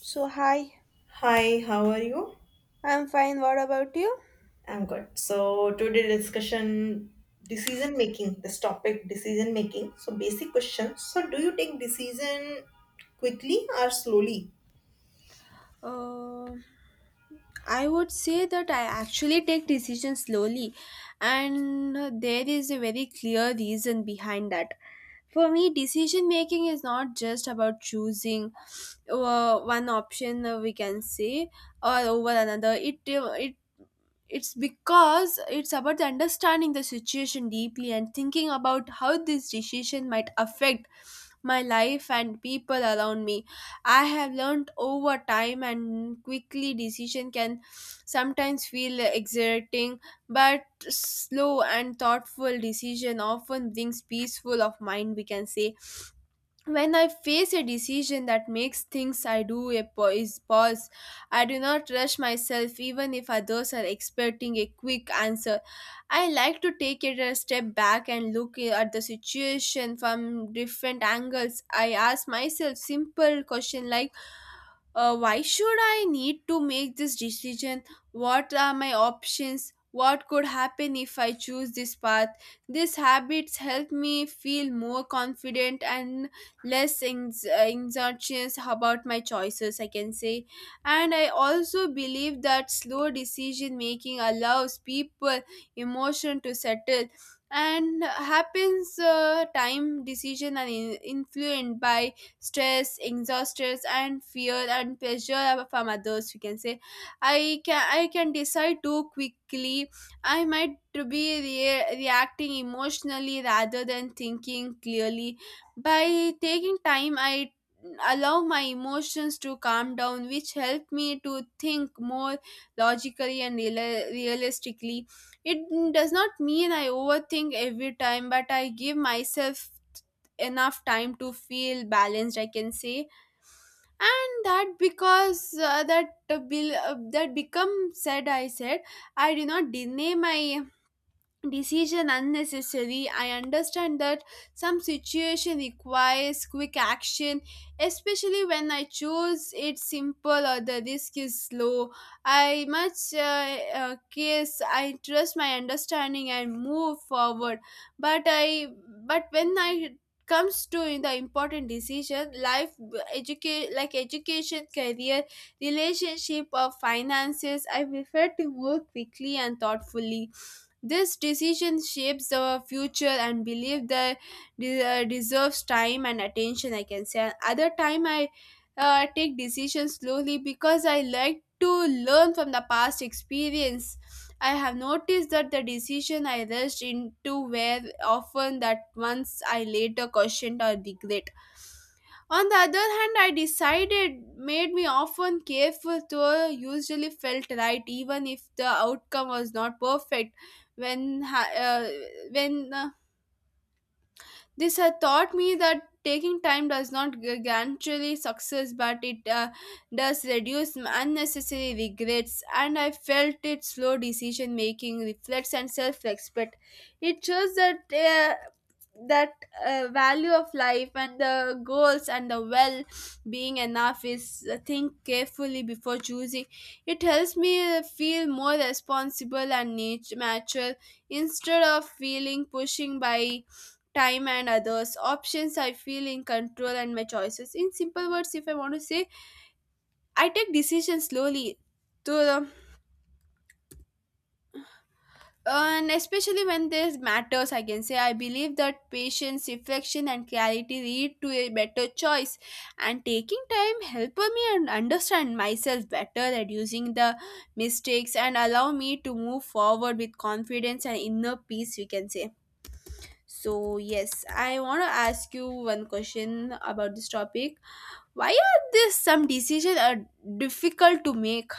So, hi, Hi, how are you? I'm fine. What about you? I'm good. So today discussion decision making, this topic decision making. So basic question. So do you take decision quickly or slowly? Uh, I would say that I actually take decisions slowly, and there is a very clear reason behind that. For me, decision making is not just about choosing one option, we can say, or over another. It's because it's about the understanding the situation deeply and thinking about how this decision might affect my life and people around me. I have learned over time and quickly decision can sometimes feel exerting, but slow and thoughtful decision often brings peaceful of mind, we can say. When I face a decision that makes things I do a is pause, I do not rush myself even if others are expecting a quick answer. I like to take it a step back and look at the situation from different angles. I ask myself simple question like, why should I need to make this decision? What are my options? What could happen if I choose this path? These habits help me feel more confident and anxious about my choices, I can say. And I also believe that slow decision making allows people emotion to settle and happens time decision and influenced by stress, exhaustion, and fear and pressure from others. We can say, I can decide too quickly. I might to be reacting emotionally rather than thinking clearly. By taking time, I allow my emotions to calm down, which help me to think more logically and realistically. It does not mean I overthink every time, but I give myself enough time to feel balanced, I can say. And that because that become said I said, I do not deny my decision unnecessary. I understand that some situation requires quick action, especially when I choose it simple or the risk is low. I much case I trust my understanding and move forward, but I but when I comes to the important decision life, educate like education, career, relationship or finances, I prefer to work quickly and thoughtfully. This decision shapes the future and belief that deserves time and attention, I can say. Other time, I take decisions slowly because I like to learn from the past experience. I have noticed that the decision I rushed into were often that once I later questioned or regret. On the other hand, I decided made me often careful to usually felt right even if the outcome was not perfect. When ha- when this had taught me that taking time does not guarantee success, but it does reduce unnecessary regrets. And I felt it slow decision making, reflects and self respect. It shows that. Uh, that value of life and the goals and the well being enough is think carefully before choosing. It helps me feel more responsible and mature instead of feeling pushing by time and others options. I feel in control and my choices, in simple words, if I want to say, I take decisions slowly through the, and especially when this matters, I can say. I believe that patience, reflection and clarity lead to a better choice, and taking time help me and understand myself better, reducing the mistakes and allow me to move forward with confidence and inner peace, we can say. So yes, I want to ask you one question about this topic. Why are this some decisions are difficult to make?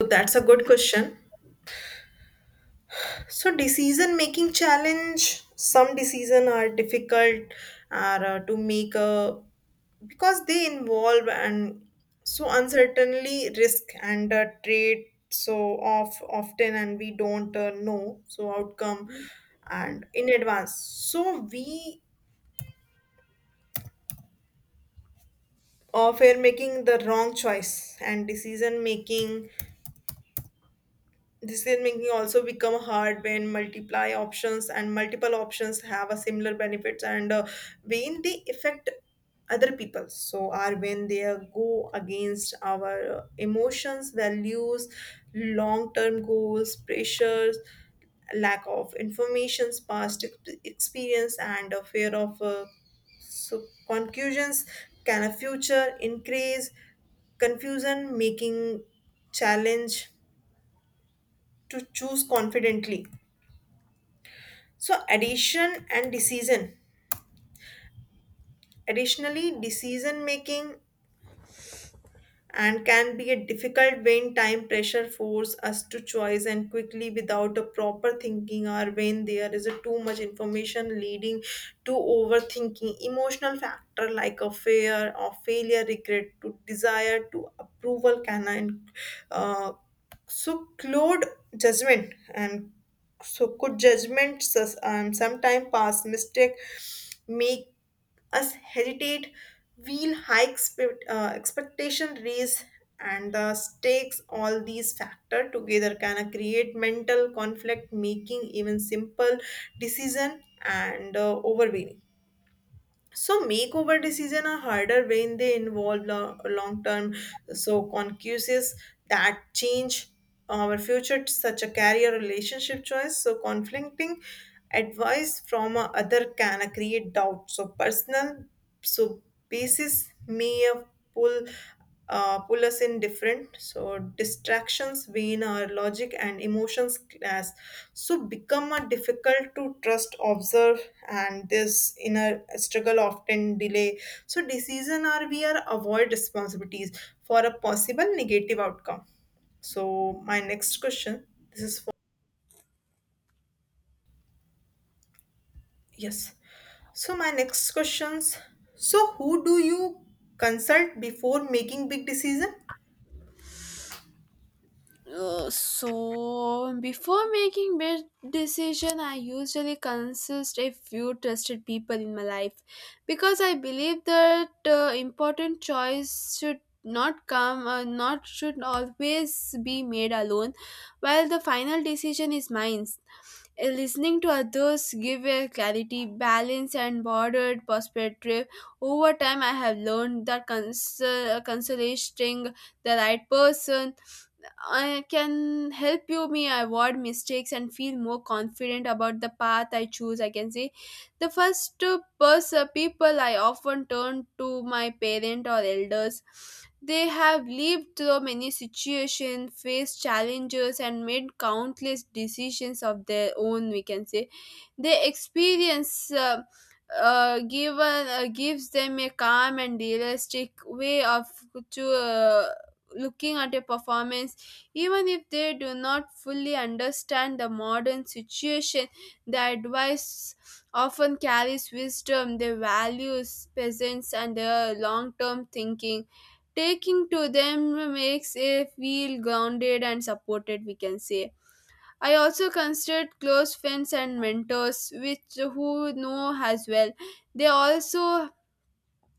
So that's a good question. So decision making challenge. Some decision are difficult are to make because they involve and so uncertainly risk and trade so off often and we don't know so outcome and in advance. So we fear making the wrong choice and decision making. Decision making also become hard when multiply options and multiple options have a similar benefits and when they affect other people so are when they are go against our emotions values long term goals pressures lack of informations experience and a fear of so conclusions can a future increase confusion making challenge to choose confidently. So addition and decision. Additionally, decision making and can be a difficult when time pressure force us to choice and quickly without a proper thinking or when there is a too much information leading to overthinking emotional factor like a fear of failure regret to desire to approval can uh, so Claude judgment and so could judgment sometime past mistake make us hesitate, feel high expectation raise and the stakes all these factor together can create mental conflict making even simple decision and overwhelming so makeover decisions are harder when they involve long-term, so conscious that change our future, such a career relationship choice. So conflicting advice from a other can create doubt so personal so basis may pull pull us in different so distractions between our logic and emotions clash. So become a difficult to trust observe and this inner struggle often delay so decision are we are avoid responsibilities for a possible negative outcome. So my next question, this is Yes. So my next questions. So who do you consult before making big decision? So before making big decision, I usually consult a few trusted people in my life, because I believe that important choice should not come not should always be made alone. While the final decision is mine, listening to others give a clarity, balance and bordered perspective. Over time I have learned that consulting the right person I can help you me avoid mistakes and feel more confident about the path I choose, I can say. The first person people I often turn to my parent or elders. They have lived through many situations, faced challenges, and made countless decisions of their own, we can say. Their experience given gives them a calm and realistic way of to looking at a performance. Even if they do not fully understand the modern situation, the advice often carries wisdom, their values presence and their long-term thinking. Taking to them makes a feel grounded and supported, we can say. I also considered close friends and mentors, which who know as well. They also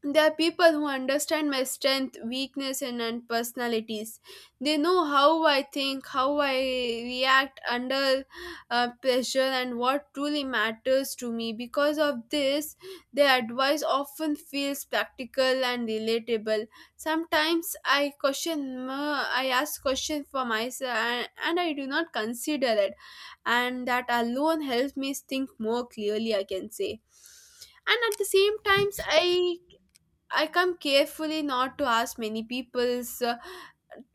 they are people who understand my strength, weakness, and personalities. They know how I think, how I react under pressure, and what truly matters to me. Because of this, their advice often feels practical and relatable. Sometimes I question, I ask questions for myself, and I do not consider it, and that alone helps me think more clearly, I can say. And at the same times, I, I come carefully not to ask many people's.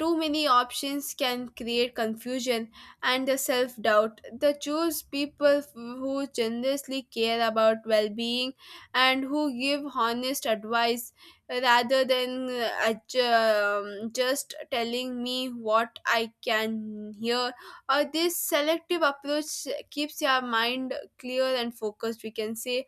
Too many options can create confusion and the self doubt. They choose people who generously care about well being and who give honest advice rather than just telling me what I can hear. Or this selective approach keeps your mind clear and focused, we can say.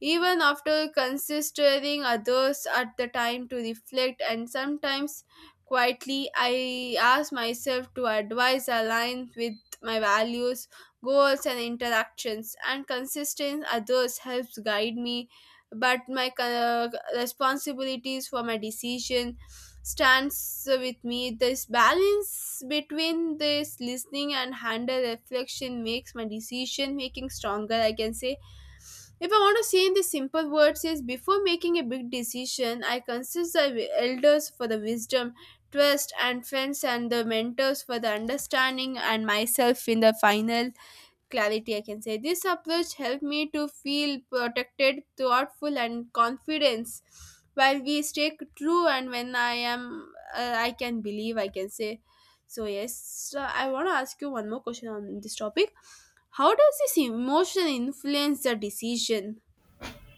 Even after considering others at the time to reflect and sometimes quietly, I ask myself to advise aligned with my values, goals and interactions, and consistent others helps guide me. But my responsibilities for my decision stands with me. This balance between this listening and handle reflection makes my decision making stronger, I can say. If I want to say in the simple words is before making a big decision, I consider the elders for the wisdom, trust and friends and the mentors for the understanding, and myself in the final clarity, I can say. This approach helped me to feel protected, thoughtful and confidence while we stay true and when I am I can believe, I can say. So yes, so I want to ask you one more question on this topic. How does this emotion influence the decision?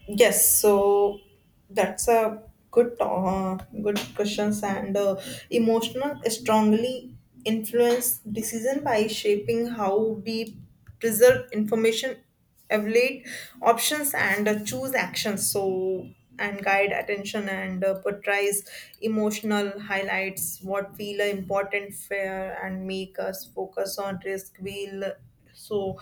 Yes, so that's a good good questions and emotional strongly influence decision by shaping how we preserve information, evaluate options, and choose actions. So and guide attention and portrays emotional highlights what feel are important fair and make us focus on risk. Will so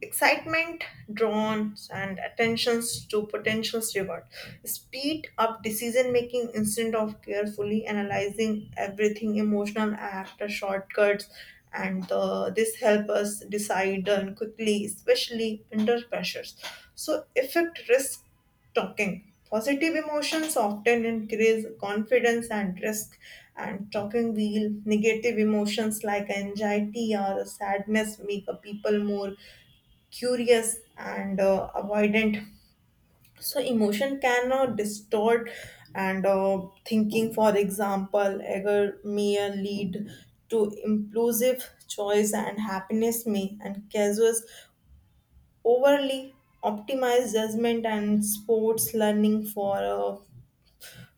excitement drones and attentions to potential reward speed up decision making instead of carefully analyzing everything emotional after shortcuts and this help us decide and quickly especially under pressures so effect risk talking positive emotions often increase confidence and risk and talking wheel negative emotions like anxiety or sadness make a people more curious and avoidant so emotion can distort and thinking for example anger may lead to impulsive choice and happiness may and causes overly optimized judgment and sports learning for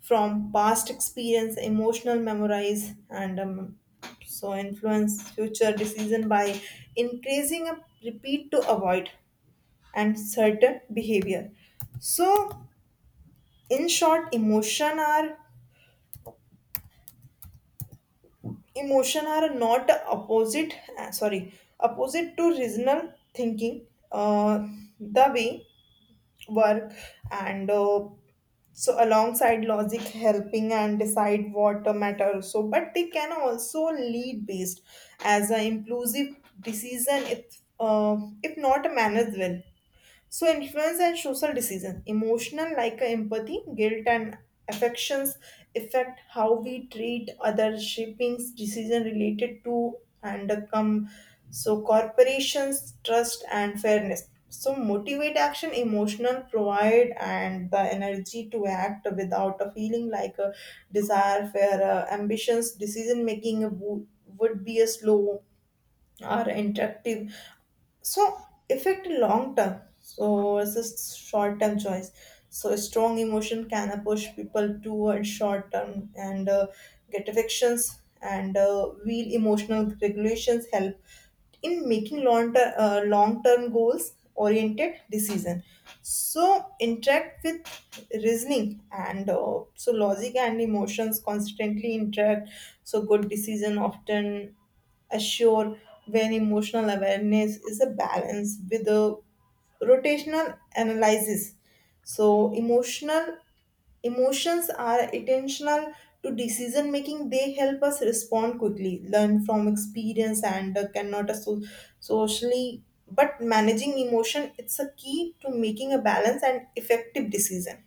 from past experience emotional memorize and so influence future decision by increasing a repeat to avoid and certain behavior so in short emotion are not opposite , sorry, opposite to reasonal thinking uh, the way work and so alongside logic helping and decide what matter so but they can also lead based as an inclusive decision if not managed well. So influence and social decision, emotional like empathy, guilt and affections affect how we treat other shaping decision related to and come so corporations trust and fairness. So motivate action, emotional provide and the energy to act without a feeling like a desire, fair ambitions, decision making would be a slow are interactive so affect long term so it's a short term choice so a strong emotion can push people towards short term and get affections and real emotional regulations help in making long term goals oriented decision so interact with reasoning and so logic and emotions constantly interact so good decision often assure when emotional awareness is a balance with a rotational analysis so emotional emotions are intentional to decision making they help us respond quickly learn from experience and cannot asso- socially but managing emotion it's a key to making a balance and effective decision.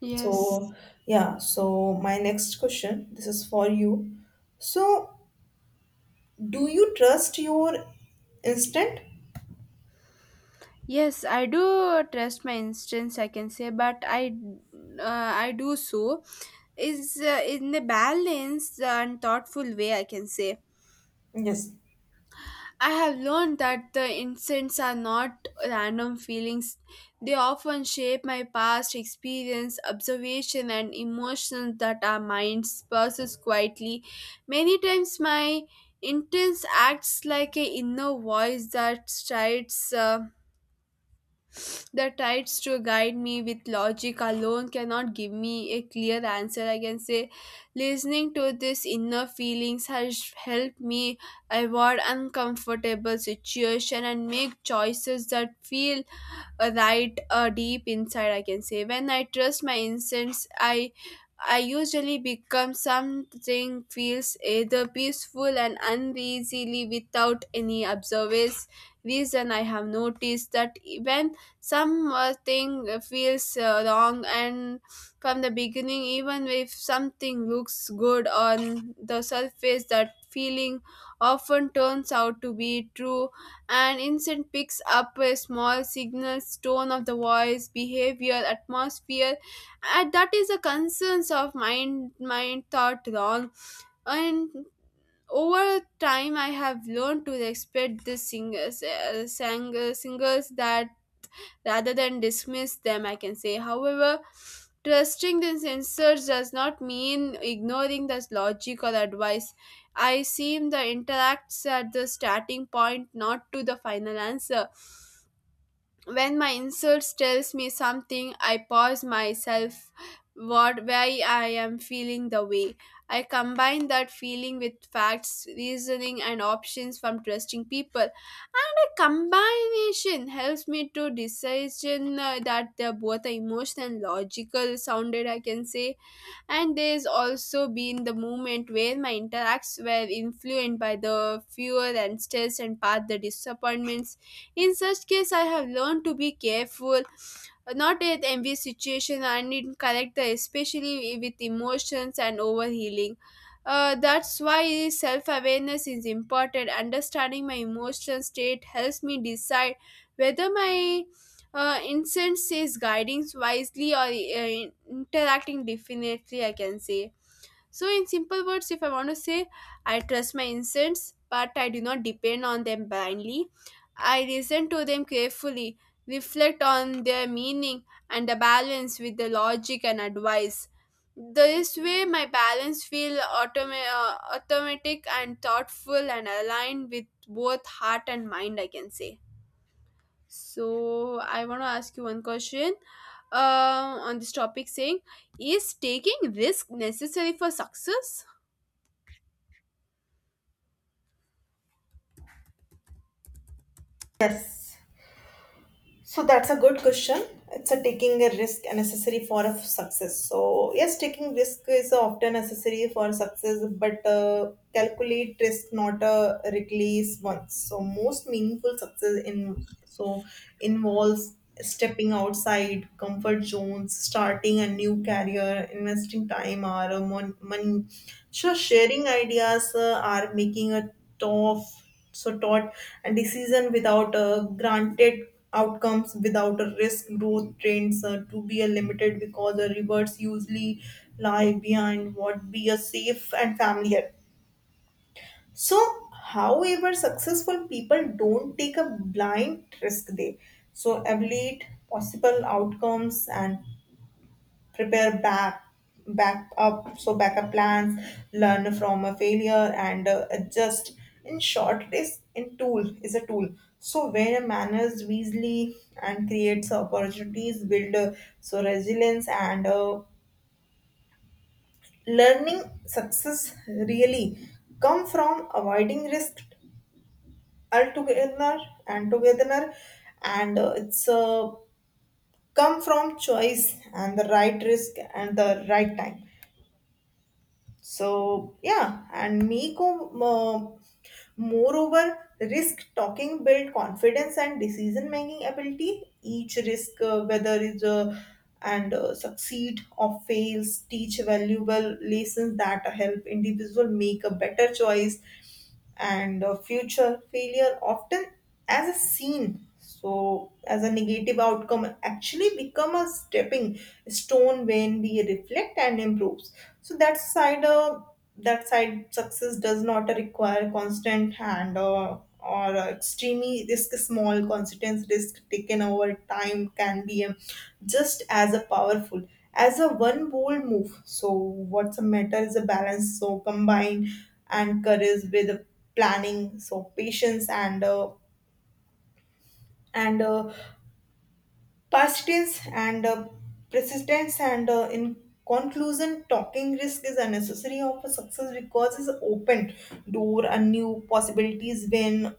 Yes. So yeah, so my next question, this is for you. So do you trust your instinct? Yes, I do trust my instincts, I can say, but I do so is in a balanced and thoughtful way, I can say. Yes. I have learned that the instincts are not random feelings; they often shape my past experience, observation, and emotions that our minds process quietly. Many times, my intense acts like a inner voice that strides. The tides to guide me with logic alone cannot give me a clear answer, I can say. Listening to these inner feelings has helped me avoid uncomfortable situations and make choices that feel right, deep inside, I can say. When I trust my instincts, I usually become something feels either peaceful and uneasily without any observance reason. I have noticed that when something feels wrong and from the beginning, even if something looks good on the surface, that feeling often turns out to be true. An insect picks up a small signal, tone of the voice, behavior, atmosphere, and that is the concerns of mind, mind thought wrong. And over time, I have learned to respect the singers that rather than dismiss them, I can say. However, trusting the sensors does not mean ignoring the logic or advice. I seem the interacts at the starting point, not to the final answer. When my insults tells me something, I pause myself what why I am feeling the way. I combine that feeling with facts, reasoning and options from trusting people. And a combination helps me to decision that they're both emotional and logical sounded, I can say. And there's also been the moment where my interacts were influenced by the fear and stress and path the disappointments. In such case, I have learned to be careful not at envy situation and in correct the, especially with emotions and overhealing. That's why self-awareness is important. Understanding my emotional state helps me decide whether my incense is guiding wisely or interacting definitely, I can say. So in simple words, if I want to say, I trust my incense but I do not depend on them blindly. I listen to them carefully, reflect on their meaning, and the balance with the logic and advice. This way my balance feel automatic and thoughtful and aligned with both heart and mind, I can say. So I want to ask you one question on this topic saying, is taking risk necessary for success? Yes. So that's a good question. It's a taking a risk and necessary for a success. So yes, taking risk is often necessary for success, but calculate risk not a reckless one. So most meaningful success in so involves stepping outside comfort zones, starting a new career, investing time or money. So sharing ideas are making a tough so taught and decision without granted outcomes without a risk growth trends to be a limited because the rewards usually lie behind what be a safe and familiar so however successful people don't take a blind risk they so evaluate possible outcomes and prepare back back up so backup plans learn from a failure and adjust in short it is in tool is a tool so where manners wisely and creates opportunities build so resilience and learning success really come from avoiding risk altogether and together and it's come from choice and the right risk and the right time. So yeah, and Miko, moreover, risk talking build confidence and decision making ability. Each risk, whether is a and succeed or fails, teach valuable lessons that help individual make a better choice and future failure often as a scene so as a negative outcome actually become a stepping stone when we reflect and improves so that side success does not require constant hand or extremely risk small consequence risk taken over time can be just as a powerful as a one bold move so what's a matter is a balance so combine and courage with planning so patience and and uh, persistence and uh, persistence and in conclusion talking risk is unnecessary of a success because it's open door and new possibilities when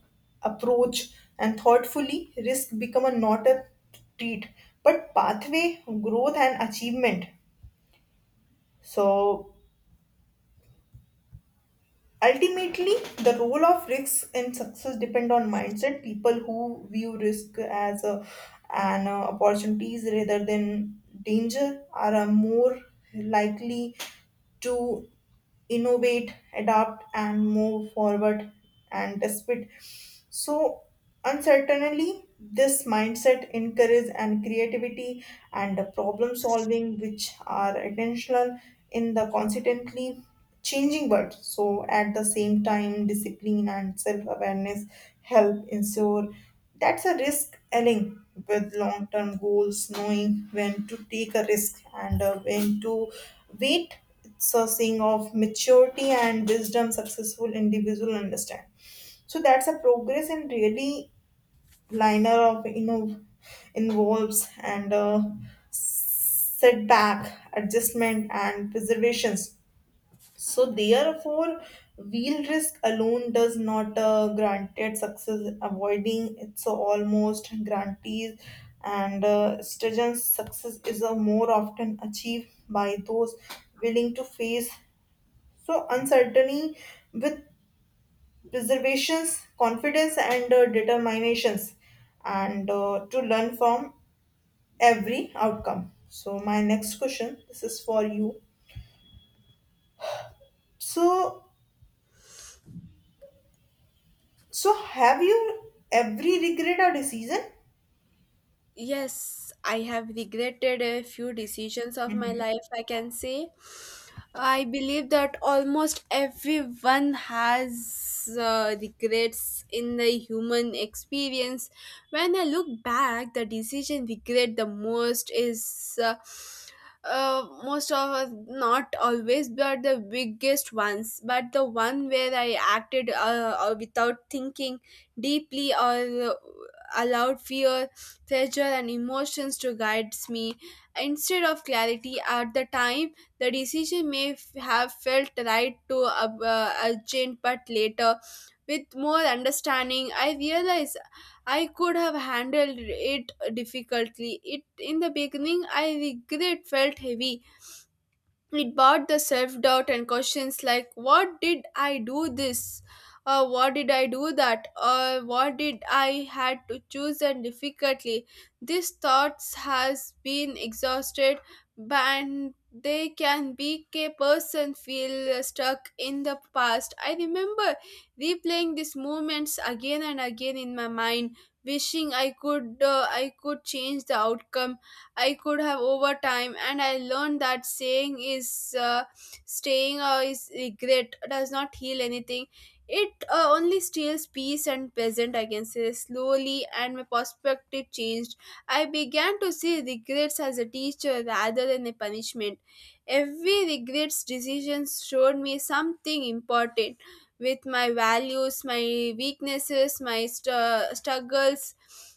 approach and thoughtfully risk become a not a treat but pathway growth and achievement so ultimately, the role of risks in success depend on mindset. People who view risk as an opportunities rather than danger are more likely to innovate, adapt, and move forward and despite so uncertainly this mindset encourages and creativity and the problem solving which are intentional in the constantly changing world so at the same time discipline and self-awareness help ensure that's a risk aligning with long-term goals knowing when to take a risk and when to wait it's a seeing of maturity and wisdom successful individual understand so that's a progress and really liner of involves and setback adjustment and preservations so therefore wheel risk alone does not granted success avoiding it's almost guarantees and students success is a more often achieved by those willing to face so uncertainty with preservations, confidence, and determinations, and to learn from every outcome. So my next question, this is for you. So, so have you every regret or decision? Yes, I have regretted a few decisions of my life, I can say. I believe that almost everyone has regrets in the human experience. When I look back, the decision regret the most is most of us, not always, but the biggest ones, but the one where I acted without thinking deeply or allowed fear pleasure, and emotions to guide me instead of clarity. At the time, the decision have felt right to urgent, but later, with more understanding, I realized I could have handled it difficultly. It in the beginning, I regret felt heavy, it brought the self-doubt and questions like what did I do this, or what did I do that, or what did I had to choose and difficultly. These thoughts has been exhausted, and they can make a person feel stuck in the past. I remember replaying these moments again and again in my mind, wishing I could change the outcome. I could have over time, and I learned that saying is staying or is regret does not heal anything. It only steals peace and present. I can say slowly, and my perspective changed. I began to see regrets as a teacher rather than a punishment. Every regrets decision showed me something important with my values, my weaknesses, my struggles,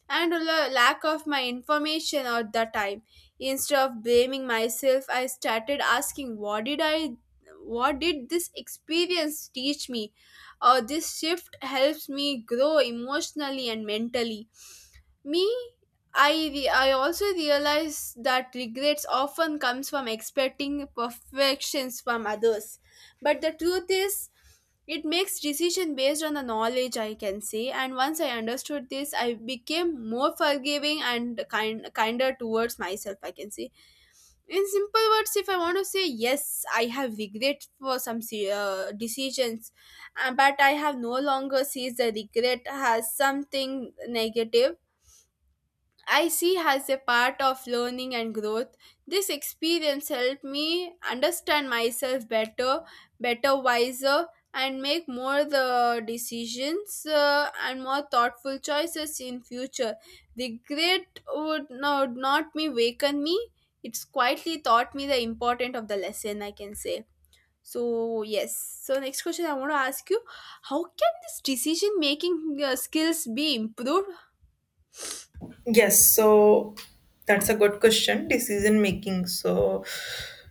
and a lack of my information at the time. Instead of blaming myself, I started asking, "What did I? What did this experience teach me?" Or this shift helps me grow emotionally and mentally. Me, I also realize that regrets often comes from expecting perfections from others. But the truth is it makes decision based on the knowledge, I can say, and once I understood this I became more forgiving and kinder towards myself, I can say. In simple words, if I want to say, yes, I have regret for some decisions, but I have no longer sees the regret as something negative. I see as a part of learning and growth. This experience helped me understand myself better, better wiser, and make more the decisions and more thoughtful choices in future. Regret would not, not me waken me. It's quietly taught me the importance of the lesson. I can say so. Yes. So next question I want to ask you: how can this decision making skills be improved? Yes, so that's a good question. Decision making. So,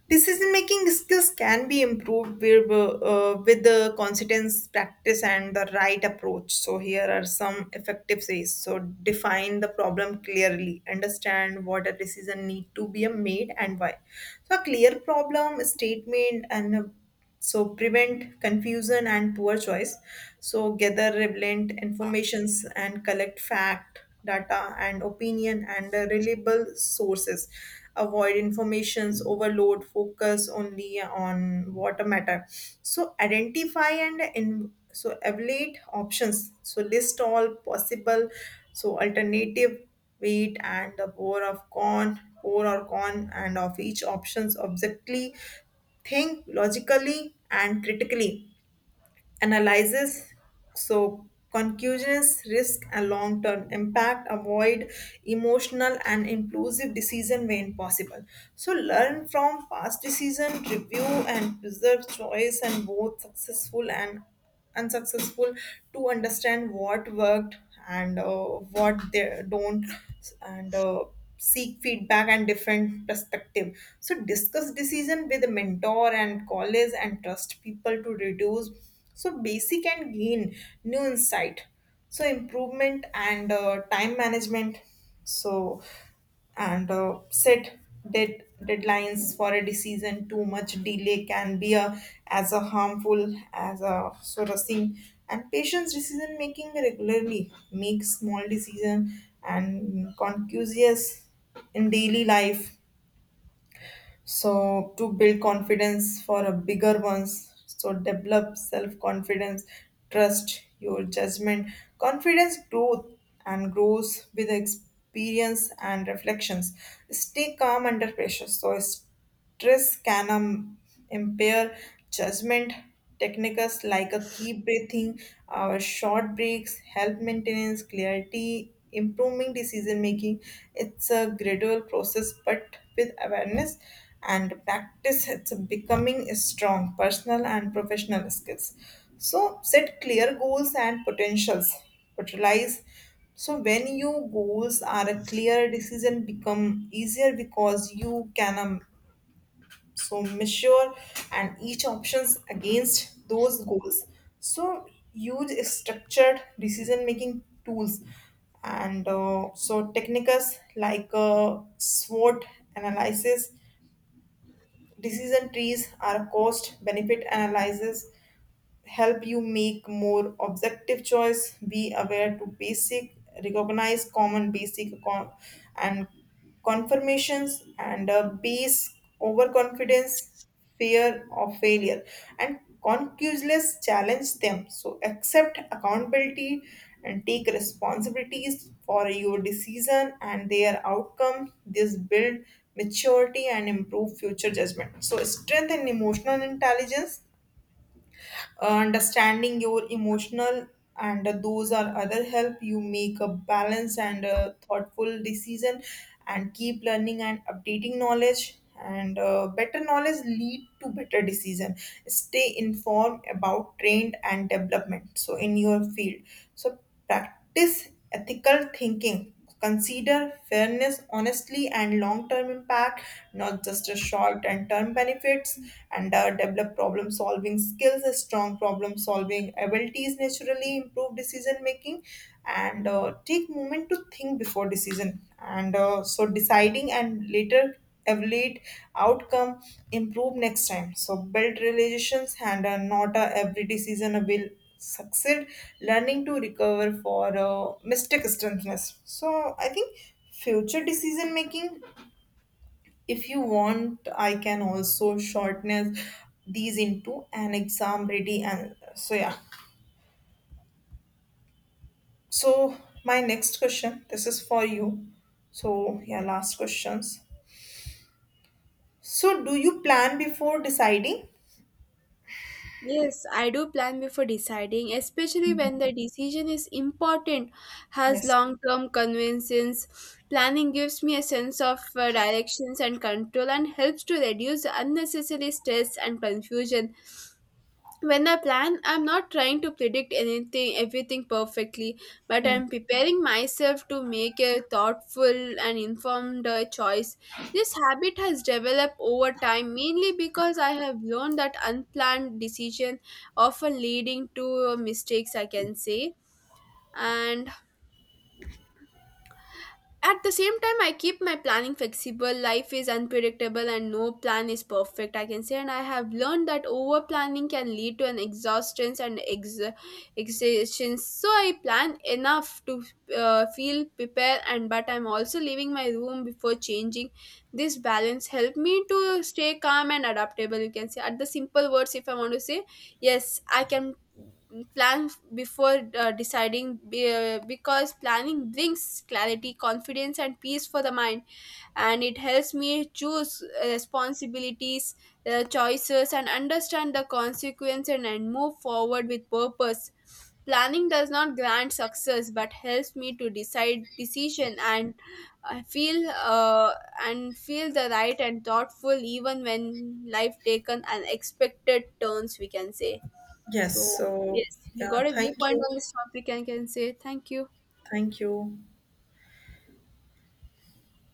decision making skills can be improved with the consistence practice and the right approach. So, here are some effective ways. So, define the problem clearly, understand what a decision need to be made and why. So, a clear problem statement and a so prevent confusion and poor choice so gather relevant informations and collect fact data and opinion and reliable sources avoid informations overload focus only on what matter so identify and in, so evaluate options so list all possible so alternative weight and the bore of corn core or corn and of each options objectively think logically and critically, analyzes so conclusions, risk and long-term impact, avoid emotional and impulsive decision when possible. So learn from past decision, review and preserve choice and both successful and unsuccessful to understand what worked and what they don't and seek feedback and different perspective so discuss decision with a mentor and colleagues and trust people to reduce so basic and gain new insight so improvement and time management so and set deadlines for a decision too much delay can be a, as a harmful as a sort of thing and patients decision making regularly make small decision and conscious in daily life so to build confidence for a bigger ones so develop self confidence trust your judgment confidence growth and grows with experience and reflections stay calm under pressure so stress can impair judgment. Techniques like a key breathing, our short breaks, help maintenance, clarity, improving decision making. It's a gradual process, but with awareness and practice, it's becoming a strong personal and professional skills. So set clear goals and potentials. Utilize so when your goals are a clear, decision become easier because you can so measure and each options against those goals so use structured decision making tools and so techniques like SWOT analysis decision trees are cost benefit analysis help you make more objective choice be aware to basic recognize common basic con- and confirmations and base overconfidence fear of failure and concuseless challenge them so accept accountability and take responsibilities for your decision and their outcome this build maturity and improve future judgment so strength and emotional intelligence understanding your emotional and those are other help you make a balanced and a thoughtful decision and keep learning and updating knowledge and better knowledge lead to better decision stay informed about trend and development so in your field so practice ethical thinking consider fairness, honestly, and long term impact, not just a short and term benefits, and develop problem solving skills, strong problem solving abilities, naturally improve decision making, and take moment to think before decision. And so deciding and later evaluate outcome improve next time so build relations and not every decision will succeed learning to recover for mistake strengthness so I think future decision making if you want I can also shorten these into an exam ready and so yeah. So my next question, this is for you. So yeah, last questions. So do you plan before deciding? Yes, I do plan before deciding, especially when the decision is important, has Yes. long term convenience. Planning gives me a sense of directions and control, and helps to reduce unnecessary stress and confusion. When I plan, I'm not trying to predict anything, everything perfectly, but Hmm. I'm preparing myself to make a thoughtful and informed choice. This habit has developed over time, mainly because I have learned that unplanned decisions often leading to mistakes, I can say. And at the same time, I keep my planning flexible. Life is unpredictable and no plan is perfect, I can say. And I have learned that over planning can lead to an exhaustion and exhaustion. So I plan enough to feel prepared, and but I'm also leaving my room before changing. This balance help me to stay calm and adaptable, you can say. At the simple words, if I want to say, yes, I can plan before deciding because planning brings clarity confidence and peace for the mind, and it helps me choose responsibilities choices and understand the consequences, and move forward with purpose. Planning does not grant success but helps me to decide decision and I feel uh, and feel the right and thoughtful even when life taken unexpected turns, we can say. Yes. So So yes, we yeah, got a thank viewpoint you. on this topic and can say thank you. Thank you.